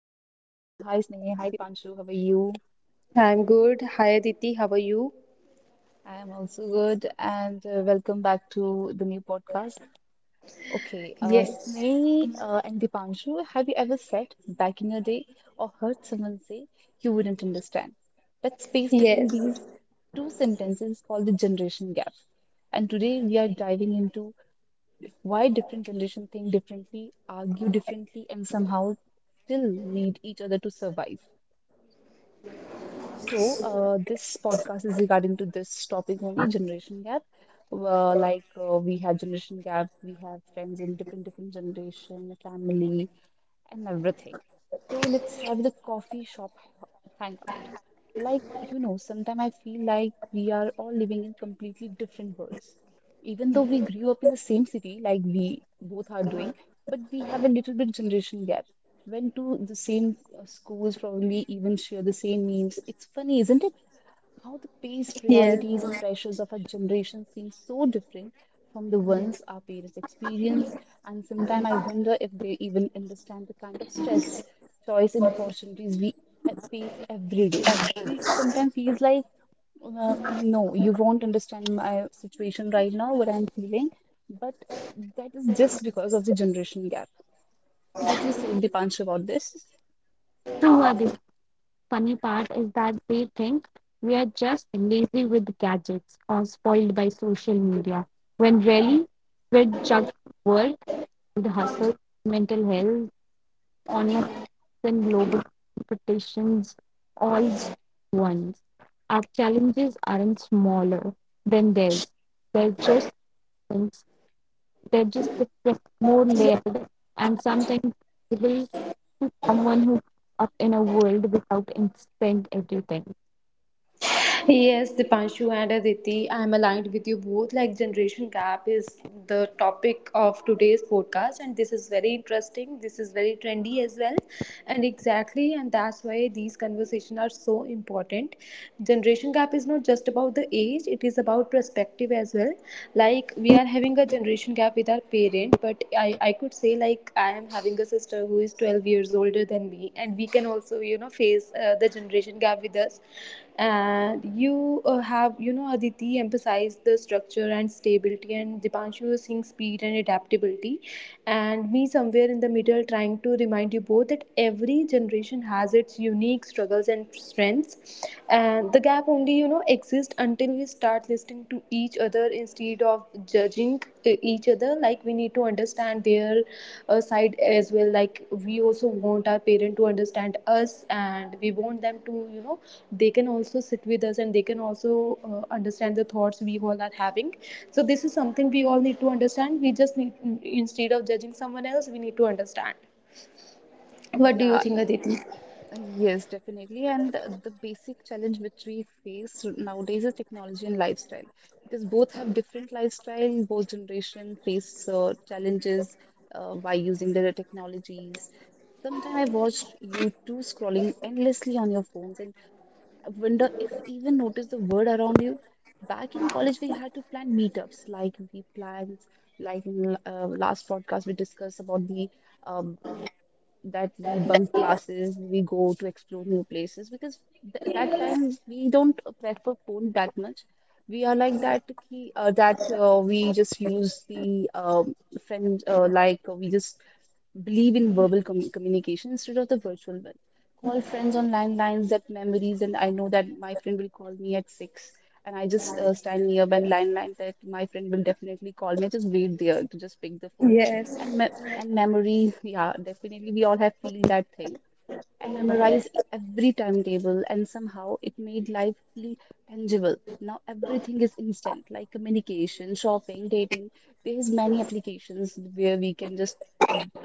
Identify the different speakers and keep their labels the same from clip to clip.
Speaker 1: Hi Sneh. Hi Dipanshu. How are you?
Speaker 2: I'm good. Hi, Aditi, how are you?
Speaker 1: I am also good and welcome back to the new podcast. Okay,
Speaker 2: Yes.
Speaker 1: Sneh and Dipanshu, have you ever said back in your day or heard someone say you wouldn't understand? That space between
Speaker 2: Yes.
Speaker 1: these two sentences is called the generation gap. And today we are diving into why different generations think differently, argue differently, and somehow still need each other to survive. So, this podcast is regarding to this topic only, generation gap. We have generation gap, we have friends in different different generation, family, and everything. So let's start with the coffee shop h- hangout. Like, you know, sometimes I feel like we are all living in completely different worlds. Even though we grew up in the same city, like we both are doing, but we have a little bit generation gap. Went to the same schools, probably even share the same memes. It's funny, isn't it, how the pace,
Speaker 2: Yes.
Speaker 1: priorities, and pressures of our generation seem so different from the ones our parents experience? And sometimes I wonder if they even understand the kind of stress, choice, and opportunities we face every day. We sometimes feel like, no, you won't understand my situation right now, what I'm feeling. But that is just because of the generation gap. What do you say, Dipanshu, about this?
Speaker 3: True, the funny part is that they think we are just lazy with gadgets or spoiled by social media, when really we're juggling work and hustle, mental health, online and global competitions all at once. Our challenges aren't smaller than theirs. They're just things. They're just different, more layered, and sometimes someone who grew up in a world without instant everything.
Speaker 2: Yes, Dipanshu and Aditi, I'm aligned with you both. Like, generation gap is the topic of today's podcast, and this is very interesting. This is very trendy as well. And exactly, and that's why these conversations are so important. Generation gap is not just about the age, it is about perspective as well. Like, we are having a generation gap with our parent, but I could say, like, I am having a sister who is 12 years older than me, and we can also, face the generation gap with us. And you, have, Aditi emphasized the structure and stability, and Dipanshu is seeing speed and adaptability, and me somewhere in the middle, trying to remind you both that every generation has its unique struggles and strengths, and the gap only exists until we start listening to each other instead of judging each other. Like, we need to understand their side as well. Like, we also want our parent to understand us, and we want them to, they can also sit with us, and they can also understand the thoughts we all are having. So this is something we all need to understand. We just need, instead of judging someone else, we need to understand. What do you
Speaker 1: Yeah.
Speaker 2: think, Aditi?
Speaker 1: Yes, definitely. And the basic challenge which we face nowadays is technology and lifestyle, because both have different lifestyle. Both generation face challenges by using their technologies. Sometimes I watched you two scrolling endlessly on your phones and I wonder if even notice the word around you. Back in college, we had to plan meetups, like we planned, like in last podcast we discussed about the um, that we bunk classes, we go to explore new places because th that time we don't prefer phone that much. We are like that ki, that we just use the um, friend like we just believe in verbal communication instead of the virtual one. Call friends on landlines, that memories, and I know that my friend will call me at six. And I just stand nearby and line line that my friend will definitely call me. I just wait there to just pick the phone. And
Speaker 2: Yes.
Speaker 1: me and memory, yeah, definitely we all have feel that thing and memorize every timetable, and somehow it made life feel tangible. Now everything is instant, like communication, shopping, dating. There's many applications where we can just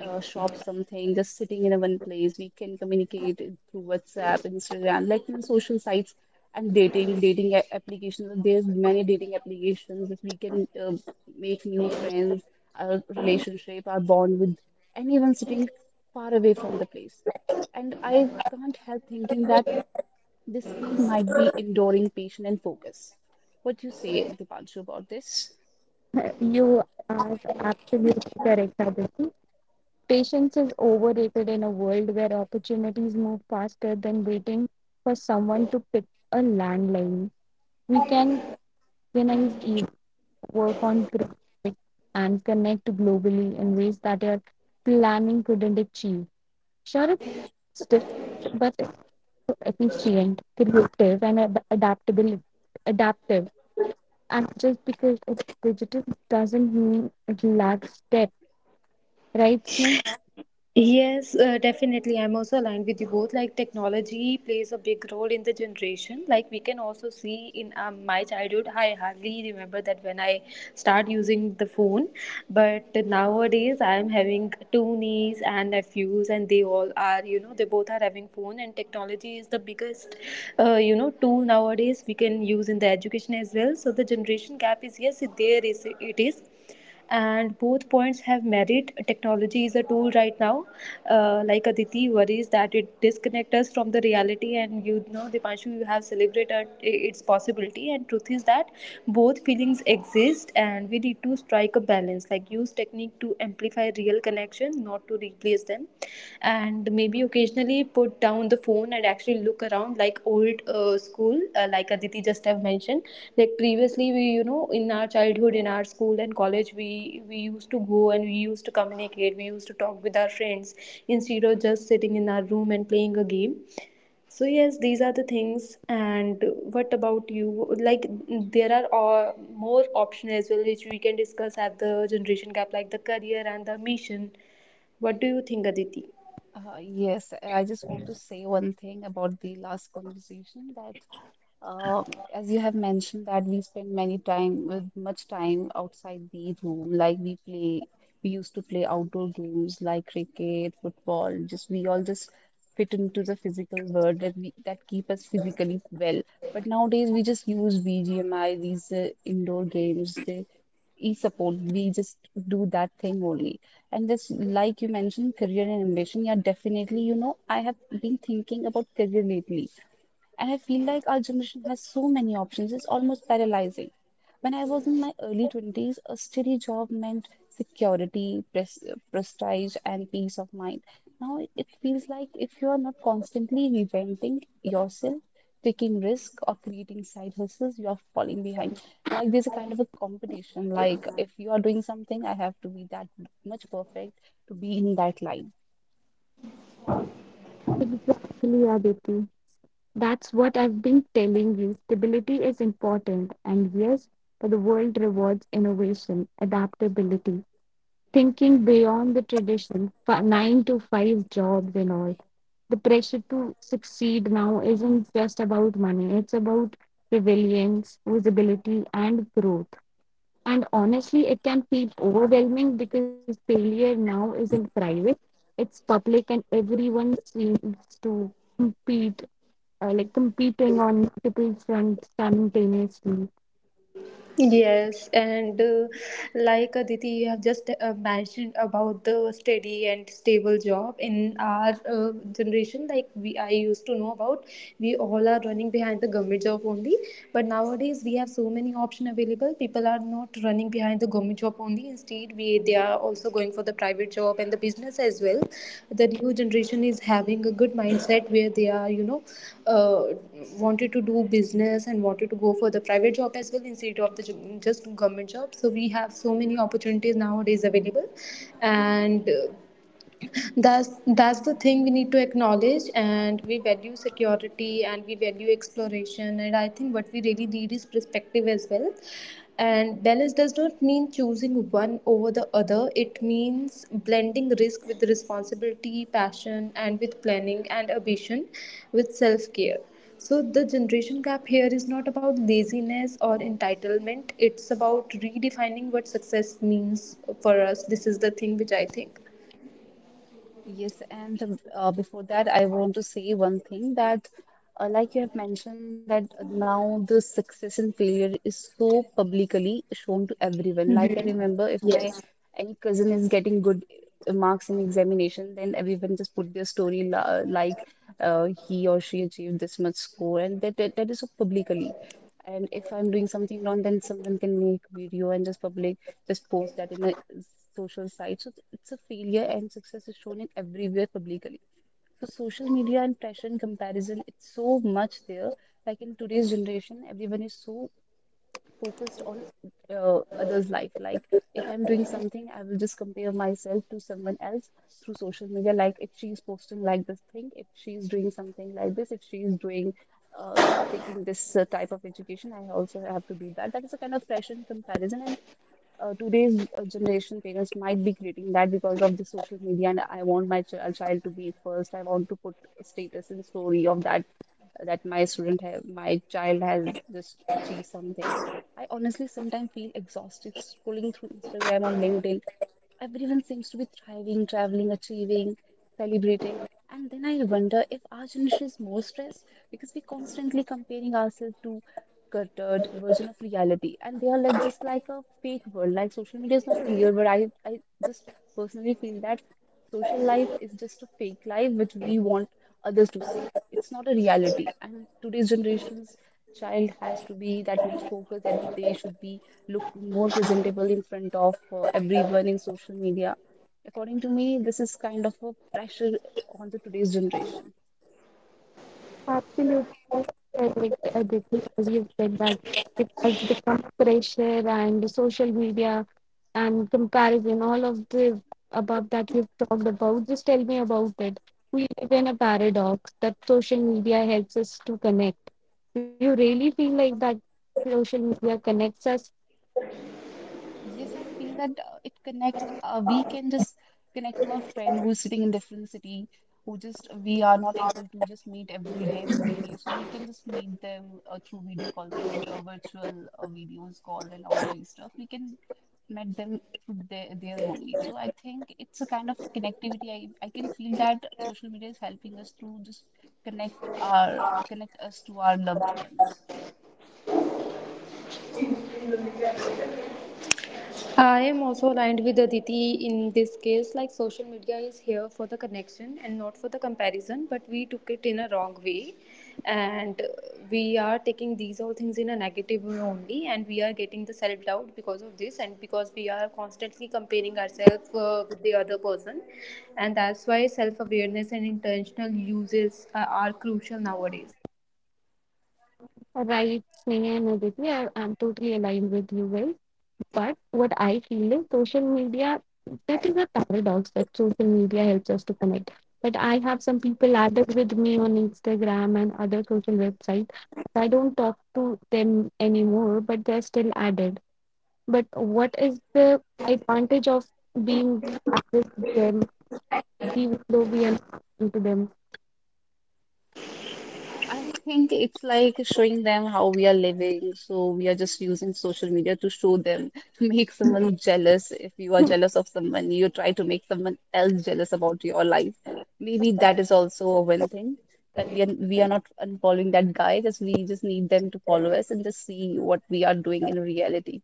Speaker 1: shop something, just sitting in a one place. We can communicate it through WhatsApp, Instagram, like in social sites and dating, dating applications. There's many dating applications. If we can make new friends, our relationship, our bond with anyone sitting far away from the place. And I can't help thinking that this speed might be enduring patient and focus. What do you say, Dipanshu, about this?
Speaker 3: You are absolutely correct, Aditi. Patience is overrated in a world where opportunities move faster than waiting for someone to pick a landline. We can organize events, work on projects, and connect globally in ways that your planning couldn't achieve. Sure, it's different, but it's so efficient, creative, and adaptable. Adaptive. And just because it's digital doesn't mean it lacks depth, right, Sneh?
Speaker 2: Yes, definitely. I'm also aligned with you both. Like, technology plays a big role in the generation. Like, we can also see in my childhood, I hardly remember that when I start using the phone. But nowadays, I'm having two niece and nephews, and they all are, you know, they both are having phone. And technology is the biggest, tool nowadays we can use in the education as well. So the generation gap is, yes, there is, it is, and both points have merit. Technology is a tool right now. Like, Aditi worries that it disconnects us from the reality, and, you know, Dipanshu, you have celebrated its possibility. And truth is that both feelings exist, and we need to strike a balance. Like, use technique to amplify real connection, not to replace them. And maybe occasionally put down the phone and actually look around, like old school, like Aditi just have mentioned. Like, previously we, in our childhood, in our school and college, we used to go, and we used to communicate, we used to talk with our friends instead of just sitting in our room and playing a game. So yes, these are the things. And what about you? Like, there are all more options as well which we can discuss at the generation gap, like the career and the mission. What do you think, Aditi?
Speaker 1: Yes, I just want to say one thing about the last conversation that as you have mentioned that we spend many time with much time outside the room, like we play, we used to play outdoor games like cricket, football. Just we all just fit into the physical world that we that keep us physically well. But nowadays we just use BGMI, these indoor games. They e-support we just do that thing only. And this, like you mentioned, career and ambition, yeah, definitely, you know, I have been thinking about career lately and I feel like our generation has so many options, it's almost paralyzing. When I was in my early 20s, a steady job meant security, prestige, and peace of mind. Now it feels like if you are not constantly reinventing yourself, taking risks, or creating side hustles, you are falling behind. Like there's a kind of a competition. Like if you are doing something, I have to be that much perfect to be in that line.
Speaker 3: Exactly, Aditi. That's what I've been telling you. Stability is important, and yes, but the world rewards innovation, adaptability, thinking beyond the tradition, 9 to 5 jobs and all. The pressure to succeed now isn't just about money, it's about resilience, visibility, and growth. And honestly, it can feel overwhelming because failure now isn't private, it's public, and everyone seems to compete, like competing on multiple fronts simultaneously.
Speaker 2: Yes, and like Aditi, you have just mentioned about the steady and stable job in our generation. Like, I used to know about, we all are running behind the government job only. But nowadays, we have so many options available. People are not running behind the government job only. Instead, we they are also going for the private job and the business as well. The new generation is having a good mindset where they are, uh, wanted to do business and wanted to go for the private job as well, instead of the just government job. So we have so many opportunities nowadays available, and that's the thing we need to acknowledge. And we value security and we value exploration, and I think what we really need is perspective as well. And balance does not mean choosing one over the other. It means blending risk with responsibility, passion and with planning, and ambition with self care. So the generation gap here is not about laziness or entitlement. It's about redefining what success means for us. This is the thing which I think.
Speaker 1: Yes, and before that, I want to say one thing that, like you have mentioned, that now the success and failure is so publicly shown to everyone. Like I remember, if
Speaker 2: Yes.
Speaker 1: my any cousin is getting good marks in examination, then everyone just put their story la like he or she achieved this much score, and that is so publicly. And if I'm doing something wrong, then someone can make video and just public, just post that in a social site. So it's a failure and success is shown in everywhere publicly. So social media and pressure and comparison, it's so much there. Like in today's generation, everyone is so focused on others' life. Like if I'm doing something, I will just compare myself to someone else through social media. Like if she's posting like this thing, if she's doing something like this, if she's doing uh, taking this type of education, I also have to do that. That is a kind of pressure and comparison, and today's generation parents might be creating that because of the social media. And I want my child to be first. I want to put a status and story of that, that my student have, my child has just achieved something. I honestly sometimes feel exhausted scrolling through Instagram or LinkedIn. Everyone seems to be thriving, traveling, achieving, celebrating. And then I wonder if our generation is more stressed because we're constantly comparing ourselves to cluttered version of reality. And they are like just like a fake world. Like social media is not a real world. I just personally feel that social life is just a fake life which we want others to see. It's not a reality. And today's generation's child has to be that much focused that they should be look more presentable in front of everyone in social media. According to me, this is kind of a pressure on the today's generation.
Speaker 3: Absolutely correct, Aditi, as you've said that it has become pressure and social media and comparison, all of the above that you've talked about. Just tell me about it. We live in a paradox that social media helps us to connect. You really feel like that social media connects us,
Speaker 1: Yes, I feel that it connect. We can just connect to our friend who's sitting in different city, who just we are not able to just meet every day physically. So we can just meet them through video call, through virtual videos call, and all these stuff. We can met them through their there only. So I think it's a kind of connectivity. I can feel that social media is helping us to just connect our connect us to our loved ones.
Speaker 2: I am also aligned with Aditi in this case. Like, social media is here for the connection and not for the comparison, but we took it in a wrong way. And we are taking these all things in a negative way only, and we are getting the self doubt because of this, and because we are constantly comparing ourselves with the other person. And that's why self awareness and intentional uses are crucial nowadays.
Speaker 3: right, Sneha and Aditi? I'm totally aligned with you guys. But what I feel is social media, that is a paradox that social media helps us to connect. But I have some people added with me on Instagram and other social websites. I don't talk to them anymore, but they're still added. But what is the advantage of being added to them, even though we are not talking
Speaker 1: I think it's like showing them how we are living. So we are just using social media to show them, to make someone jealous. If you are
Speaker 3: to
Speaker 1: jealous of someone, you try to make someone else jealous about your life. Maybe that is also a one thing that we are not unfollowing that guy. Just we just need them to follow us and just see what we are doing in reality.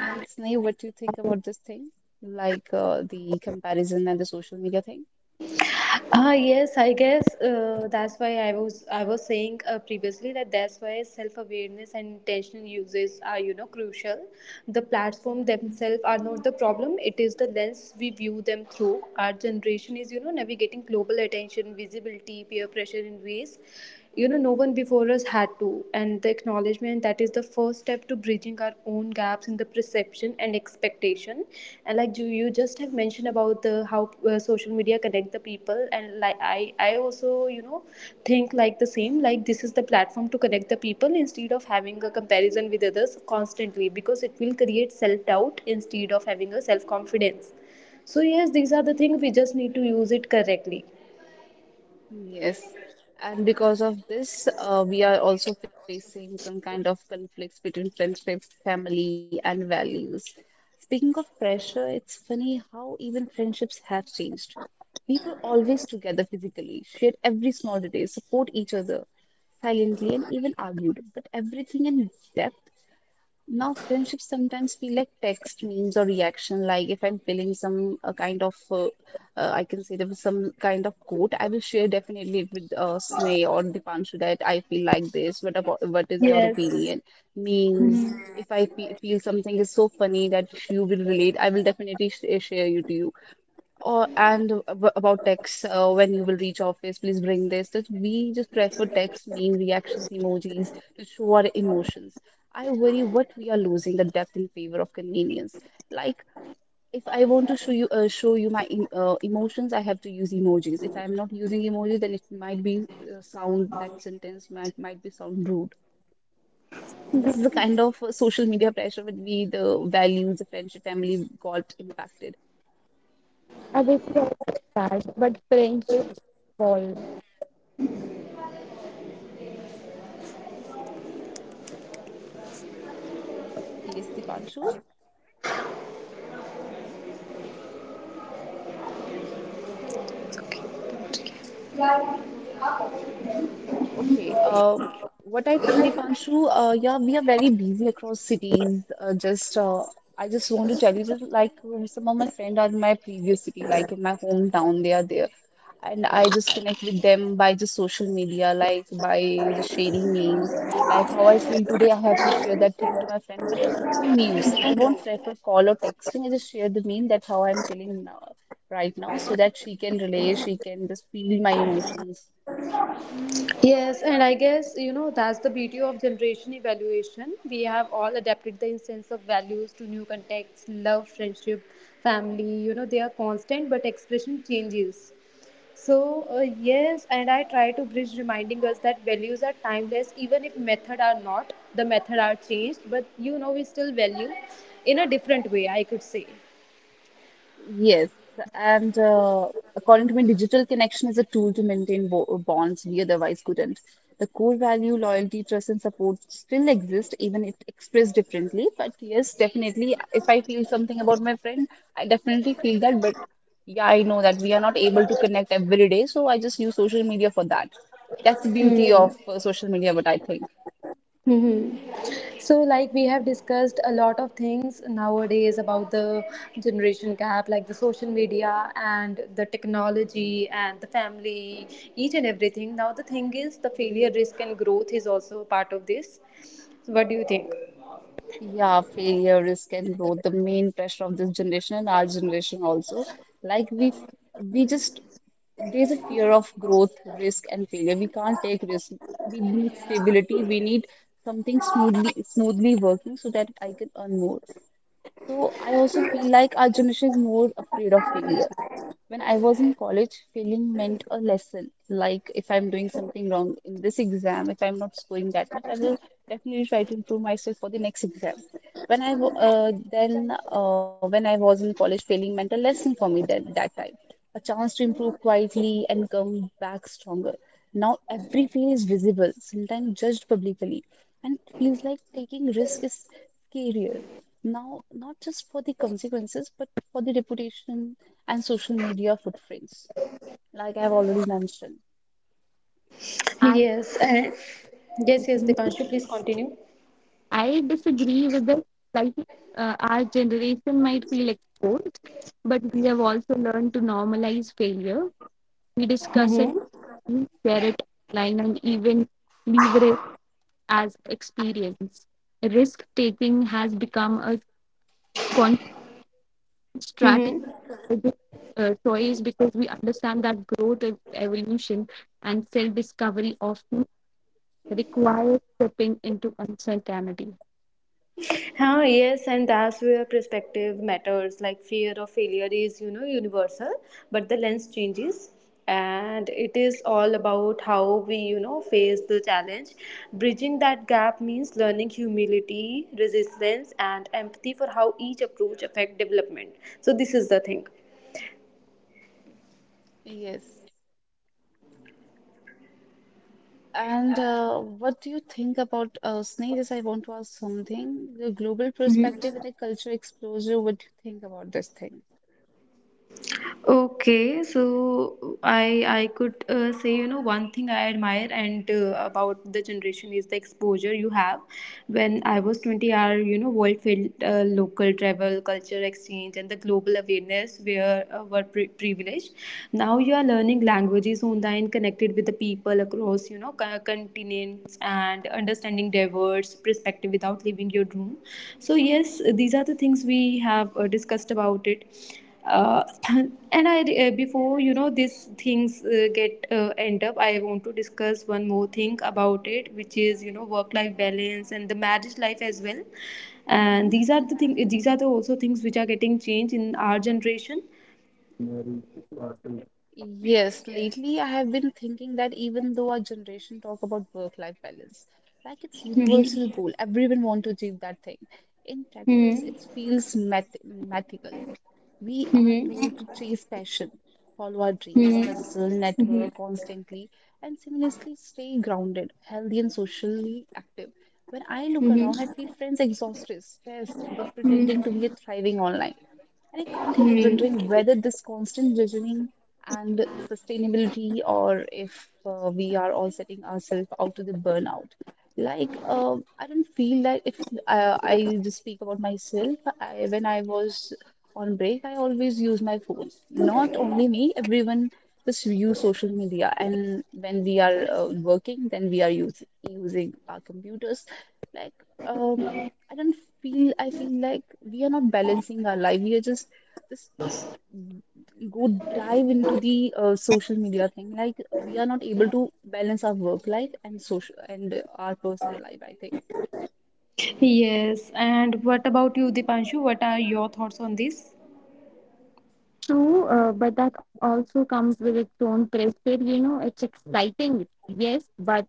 Speaker 1: And Sneh, what do you think about this thing? Like the comparison and the social media thing?
Speaker 2: Ah yes, I guess that's why I was saying previously that that's why self awareness and intentional uses are, crucial. The platform themselves are not the problem; it is the lens we view them through. Our generation is, navigating global attention, visibility, peer pressure in ways no one before us had to, and the acknowledgement that is the first step to bridging our own gaps in the perception and expectation. And like, you just have mentioned about the how social media connect the people. And like I also, think like the same. Like, this is the platform to connect the people instead of having a comparison with others constantly, because it will create self doubt instead of having a self confidence. So yes, these are the things. We just need to use it correctly.
Speaker 1: Yes, and because of this, we are also facing some kind of conflicts between friendships, family, and values. Speaking of pressure, it's funny how even friendships have changed. We were always together physically, shared every small detail, support each other silently, and even argued. But everything in depth now, friendships sometimes feel like text, memes, or reaction. Like if I'm feeling some kind of, I can say there was some kind of quote, I will share definitely with Sneh or Dipanshu that I feel like this. What about what is your
Speaker 2: Yes.
Speaker 1: opinion? Memes.
Speaker 2: Mhm.
Speaker 1: If I fe feel something is so funny that you will relate, I will definitely sh share you to you. Or and about text, when you will reach office, please bring this. That we just prefer text, meme, reactions, emojis to show our emotions. I worry what we are losing the depth in favor of convenience. Like if I want to show you show you my emotions, I have to use emojis. If I am not using emojis, then it might be sound that sentence might be sound rude. So
Speaker 3: them?
Speaker 1: this is the kind of social media pressure with we the values, the friendship, family got impacted.
Speaker 3: Obviously, I get that, but friendship evolves.
Speaker 1: Yes, Dipanshu.
Speaker 2: Okay.
Speaker 1: Okay. What I think, Deepanshu, yeah, we are very busy across cities. I just want to tell you that, like, some of my friends are in my previous city, like in my hometown, they are there, and I just connect with them by just social media, like by just sharing memes, like how I feel today. I have to share that thing to my friend, but through memes, I won't prefer call or texting. I just share the meme. That's how I'm feeling now, right now, so that she can relate, she can just feel my emotions.
Speaker 2: Yes, and I guess, that's the beauty of generation evaluation. We have all adapted the sense of values to new contexts: love, friendship, family. You know, they are constant, but expression changes. So yes, and I try to bridge, reminding us that values are timeless, even if method are not. The method are changed, but we still value in a different way, I could say.
Speaker 1: Yes, and according to me, digital connection is a tool to maintain bo bonds we otherwise couldn't. The core value, loyalty, trust, and support still exist, even if expressed differently. But yes, definitely, if I feel something about my friend, I definitely feel that. But yeah, I know that we are not able to connect every day, so I just use social media for that. That's the beauty
Speaker 2: Hmm.
Speaker 1: of social media, what I think.
Speaker 2: Hmm. So, like, we have discussed a lot of things nowadays about the generation gap, like the social media and the technology and the family, each and everything. Now, the thing is, the failure, risk, and growth is also a part of this. So what do you think?
Speaker 1: Yeah, failure, risk, and growth, the main pressure of this generation and our generation also. Like we just there's a fear of growth, risk, and failure. We can't take risk. We need stability. We need something smoothly working so that I can earn more. So I also feel like our generation is more afraid of failure. When I was in college, failing meant a lesson. Like if I'm doing something wrong in this exam, if I'm not scoring that much, I will definitely try to improve myself for the next exam. When I was in college, failing meant a lesson for me that that time, a chance to improve quietly and come back stronger. Now every fail is visible, sometimes judged publicly, and it feels like taking risk is scarier. Now, not just for the consequences, but for the reputation and social media footprints, like I've already mentioned.
Speaker 3: I
Speaker 2: Yes, and yes, Dipanshu, please continue.
Speaker 3: I disagree with it. Like, our generation might feel exposed, but we have also learned to normalize failure. We discuss it,
Speaker 2: Mm-hmm.
Speaker 3: we share it online, and even leverage as experience. Risk taking has become a conscious strategy,
Speaker 2: Mm-hmm.
Speaker 3: choice because we understand that growth, evolution, and self discovery often require stepping into uncertainty.
Speaker 2: Huh, yes, and that's where perspective matters. Like, fear of failure is, universal, but the lens changes. And it is all about how we, face the challenge. Bridging that gap means learning humility, resilience, and empathy for how each approach affect development. So this is the thing.
Speaker 1: Yes. And what do you think about Sneha? I want to ask something. The global perspective and the culture exposure, what do you think about this thing?
Speaker 2: Okay, so I could say, one thing I admire and about the generation is the exposure you have. When I was 20, our, world filled local travel, culture exchange, and the global awareness were privileged. Now you are learning languages online, connected with the people across, continents, and understanding diverse perspective without leaving your room. So yes, these are the things we have discussed about it uh, and I before, these things get end up, I want to discuss one more thing about it, which is, work life balance and the marriage life as well. And these are the thing, these are the also things which are getting changed in our generation.
Speaker 1: Yes, lately I have been thinking that even though our generation talk about work-life balance, like it's universal
Speaker 2: Mm-hmm.
Speaker 1: goal, everyone want to achieve that thing. In practice,
Speaker 2: Mm-hmm.
Speaker 1: it feels mathematical. We are told to chase passion, follow our dreams,
Speaker 2: Mm-hmm.
Speaker 1: hustle,
Speaker 2: Mm-hmm.
Speaker 1: network constantly, and seamlessly stay grounded, healthy, and socially active. When I look around, I feel friends exhausted, stressed, yet pretending to
Speaker 2: Mm-hmm.
Speaker 1: be a thriving online. And I can't help wondering
Speaker 2: Mm-hmm.
Speaker 1: whether this constant judging and sustainability, or if we are all setting ourselves out to the burnout. Like, I don't feel like if I just speak about myself, when I was on break, I always use my phone. Not only me, everyone just use social media. And when we are working, then we are using our computers. Like, um, I don't feel, I feel like we are not balancing our life. We are just go dive into the social media thing. Like we are not able to balance our work life and social and our personal life, I think.
Speaker 2: Yes, and what about you, Dipanshu? What are your thoughts on this?
Speaker 3: True, but that also comes with its own pressure. You know, it's exciting, yes, but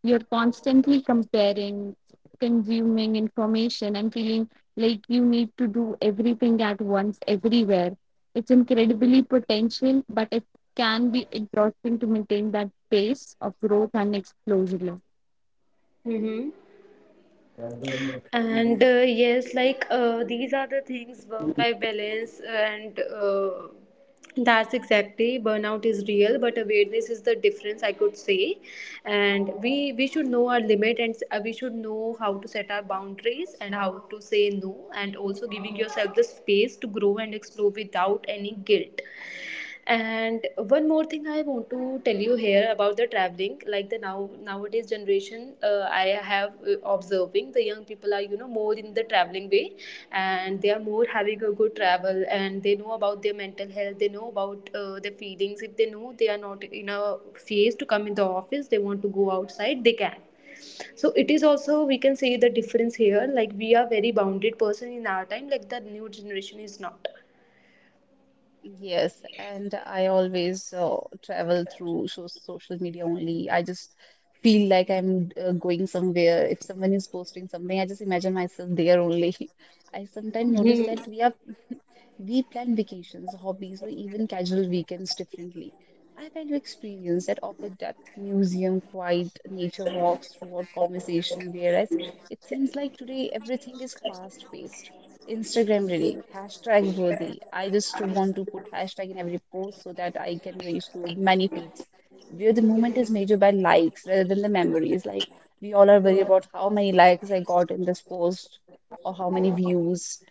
Speaker 3: you're constantly comparing, consuming information, and feeling like you need to do everything at once, everywhere. It's incredibly potential, but it can be exhausting to maintain that pace of growth and explosion.
Speaker 2: Mm-hmm. And yes, like these are the things: work life balance. And that's exactly, burnout is real, but awareness is the difference, I could say. And we should know our limit, and we should know how to set our boundaries and how to say no, and also giving yourself the space to grow and explore without any guilt. And one more thing I want to tell you here about the traveling. Like, the nowadays generation, I have observing, the young people are, more in the traveling way, and they are more having a good travel, and they know about their mental health, they know about their feelings. If they know they are not in a phase to come in the office, they want to go outside, they can. So it is also, we can say, the difference here. Like, we are very bounded person in our time. Like, the new generation is
Speaker 1: Yes, and I always travel through social media only. I just feel like I'm going somewhere. If someone is posting something, I just imagine myself there only. I sometimes notice
Speaker 2: not.
Speaker 1: that We plan vacations, hobbies, or even casual weekends differently. I value experience that offer depth, museum, quiet, nature walks, throughout conversation, whereas it seems like today everything is fast paced. Instagram ready, hashtag worthy. I just want to put hashtag in every post so that I can reach to many feeds. Where the moment is measured by likes rather than the memories. Like we all are worried about how many likes I got in this post or how many views.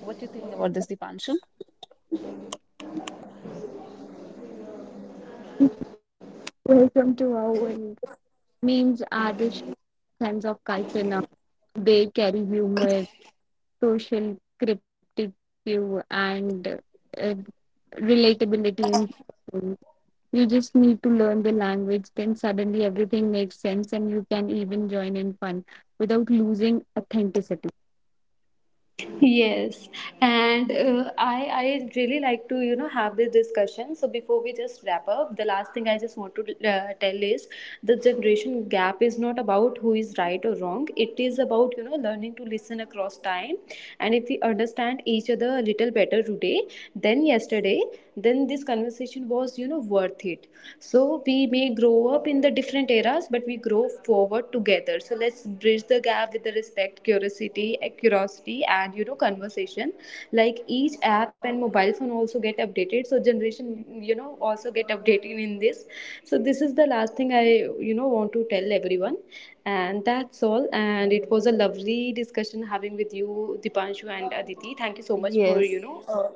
Speaker 1: What do you think about this, Dipanshu?
Speaker 3: Welcome to our world. Memes are this sense of culture now. They carry humor, social cryptic view and uh, relatability in school. You just need to learn the language, then suddenly everything makes sense, and you can even join in fun without losing authenticity.
Speaker 2: Yes, and I really like to, have this discussion. So before we just wrap up, the last thing I just want to tell is, the generation gap is not about who is right or wrong. It is about, learning to listen across time, and if we understand each other a little better today than yesterday, then this conversation was, worth it. So we may grow up in the different eras, but we grow forward together. So let's bridge the gap with the respect, curiosity, curiosity, and, conversation. Like, each app and mobile phone also get updated, so generation, also get updated in this. So this is the last thing I, want to tell everyone. And that's all. And it was lovely discussion having with you, Dipanshu and Aditi. Thank you so much for,
Speaker 1: Yes,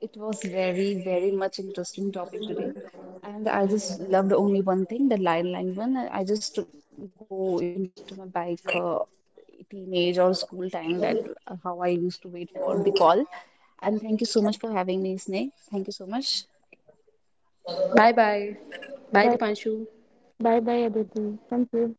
Speaker 1: it was very, very much interesting topic today. And I just loved only one thing, the line one. I just go into my bike teenage or school time that how I used to wait for the call. And thank you so much for having me, Snake. Thank you so much.
Speaker 2: Bye bye bye Deepanshu
Speaker 3: Bye bye, bye, Aditi. Thank you.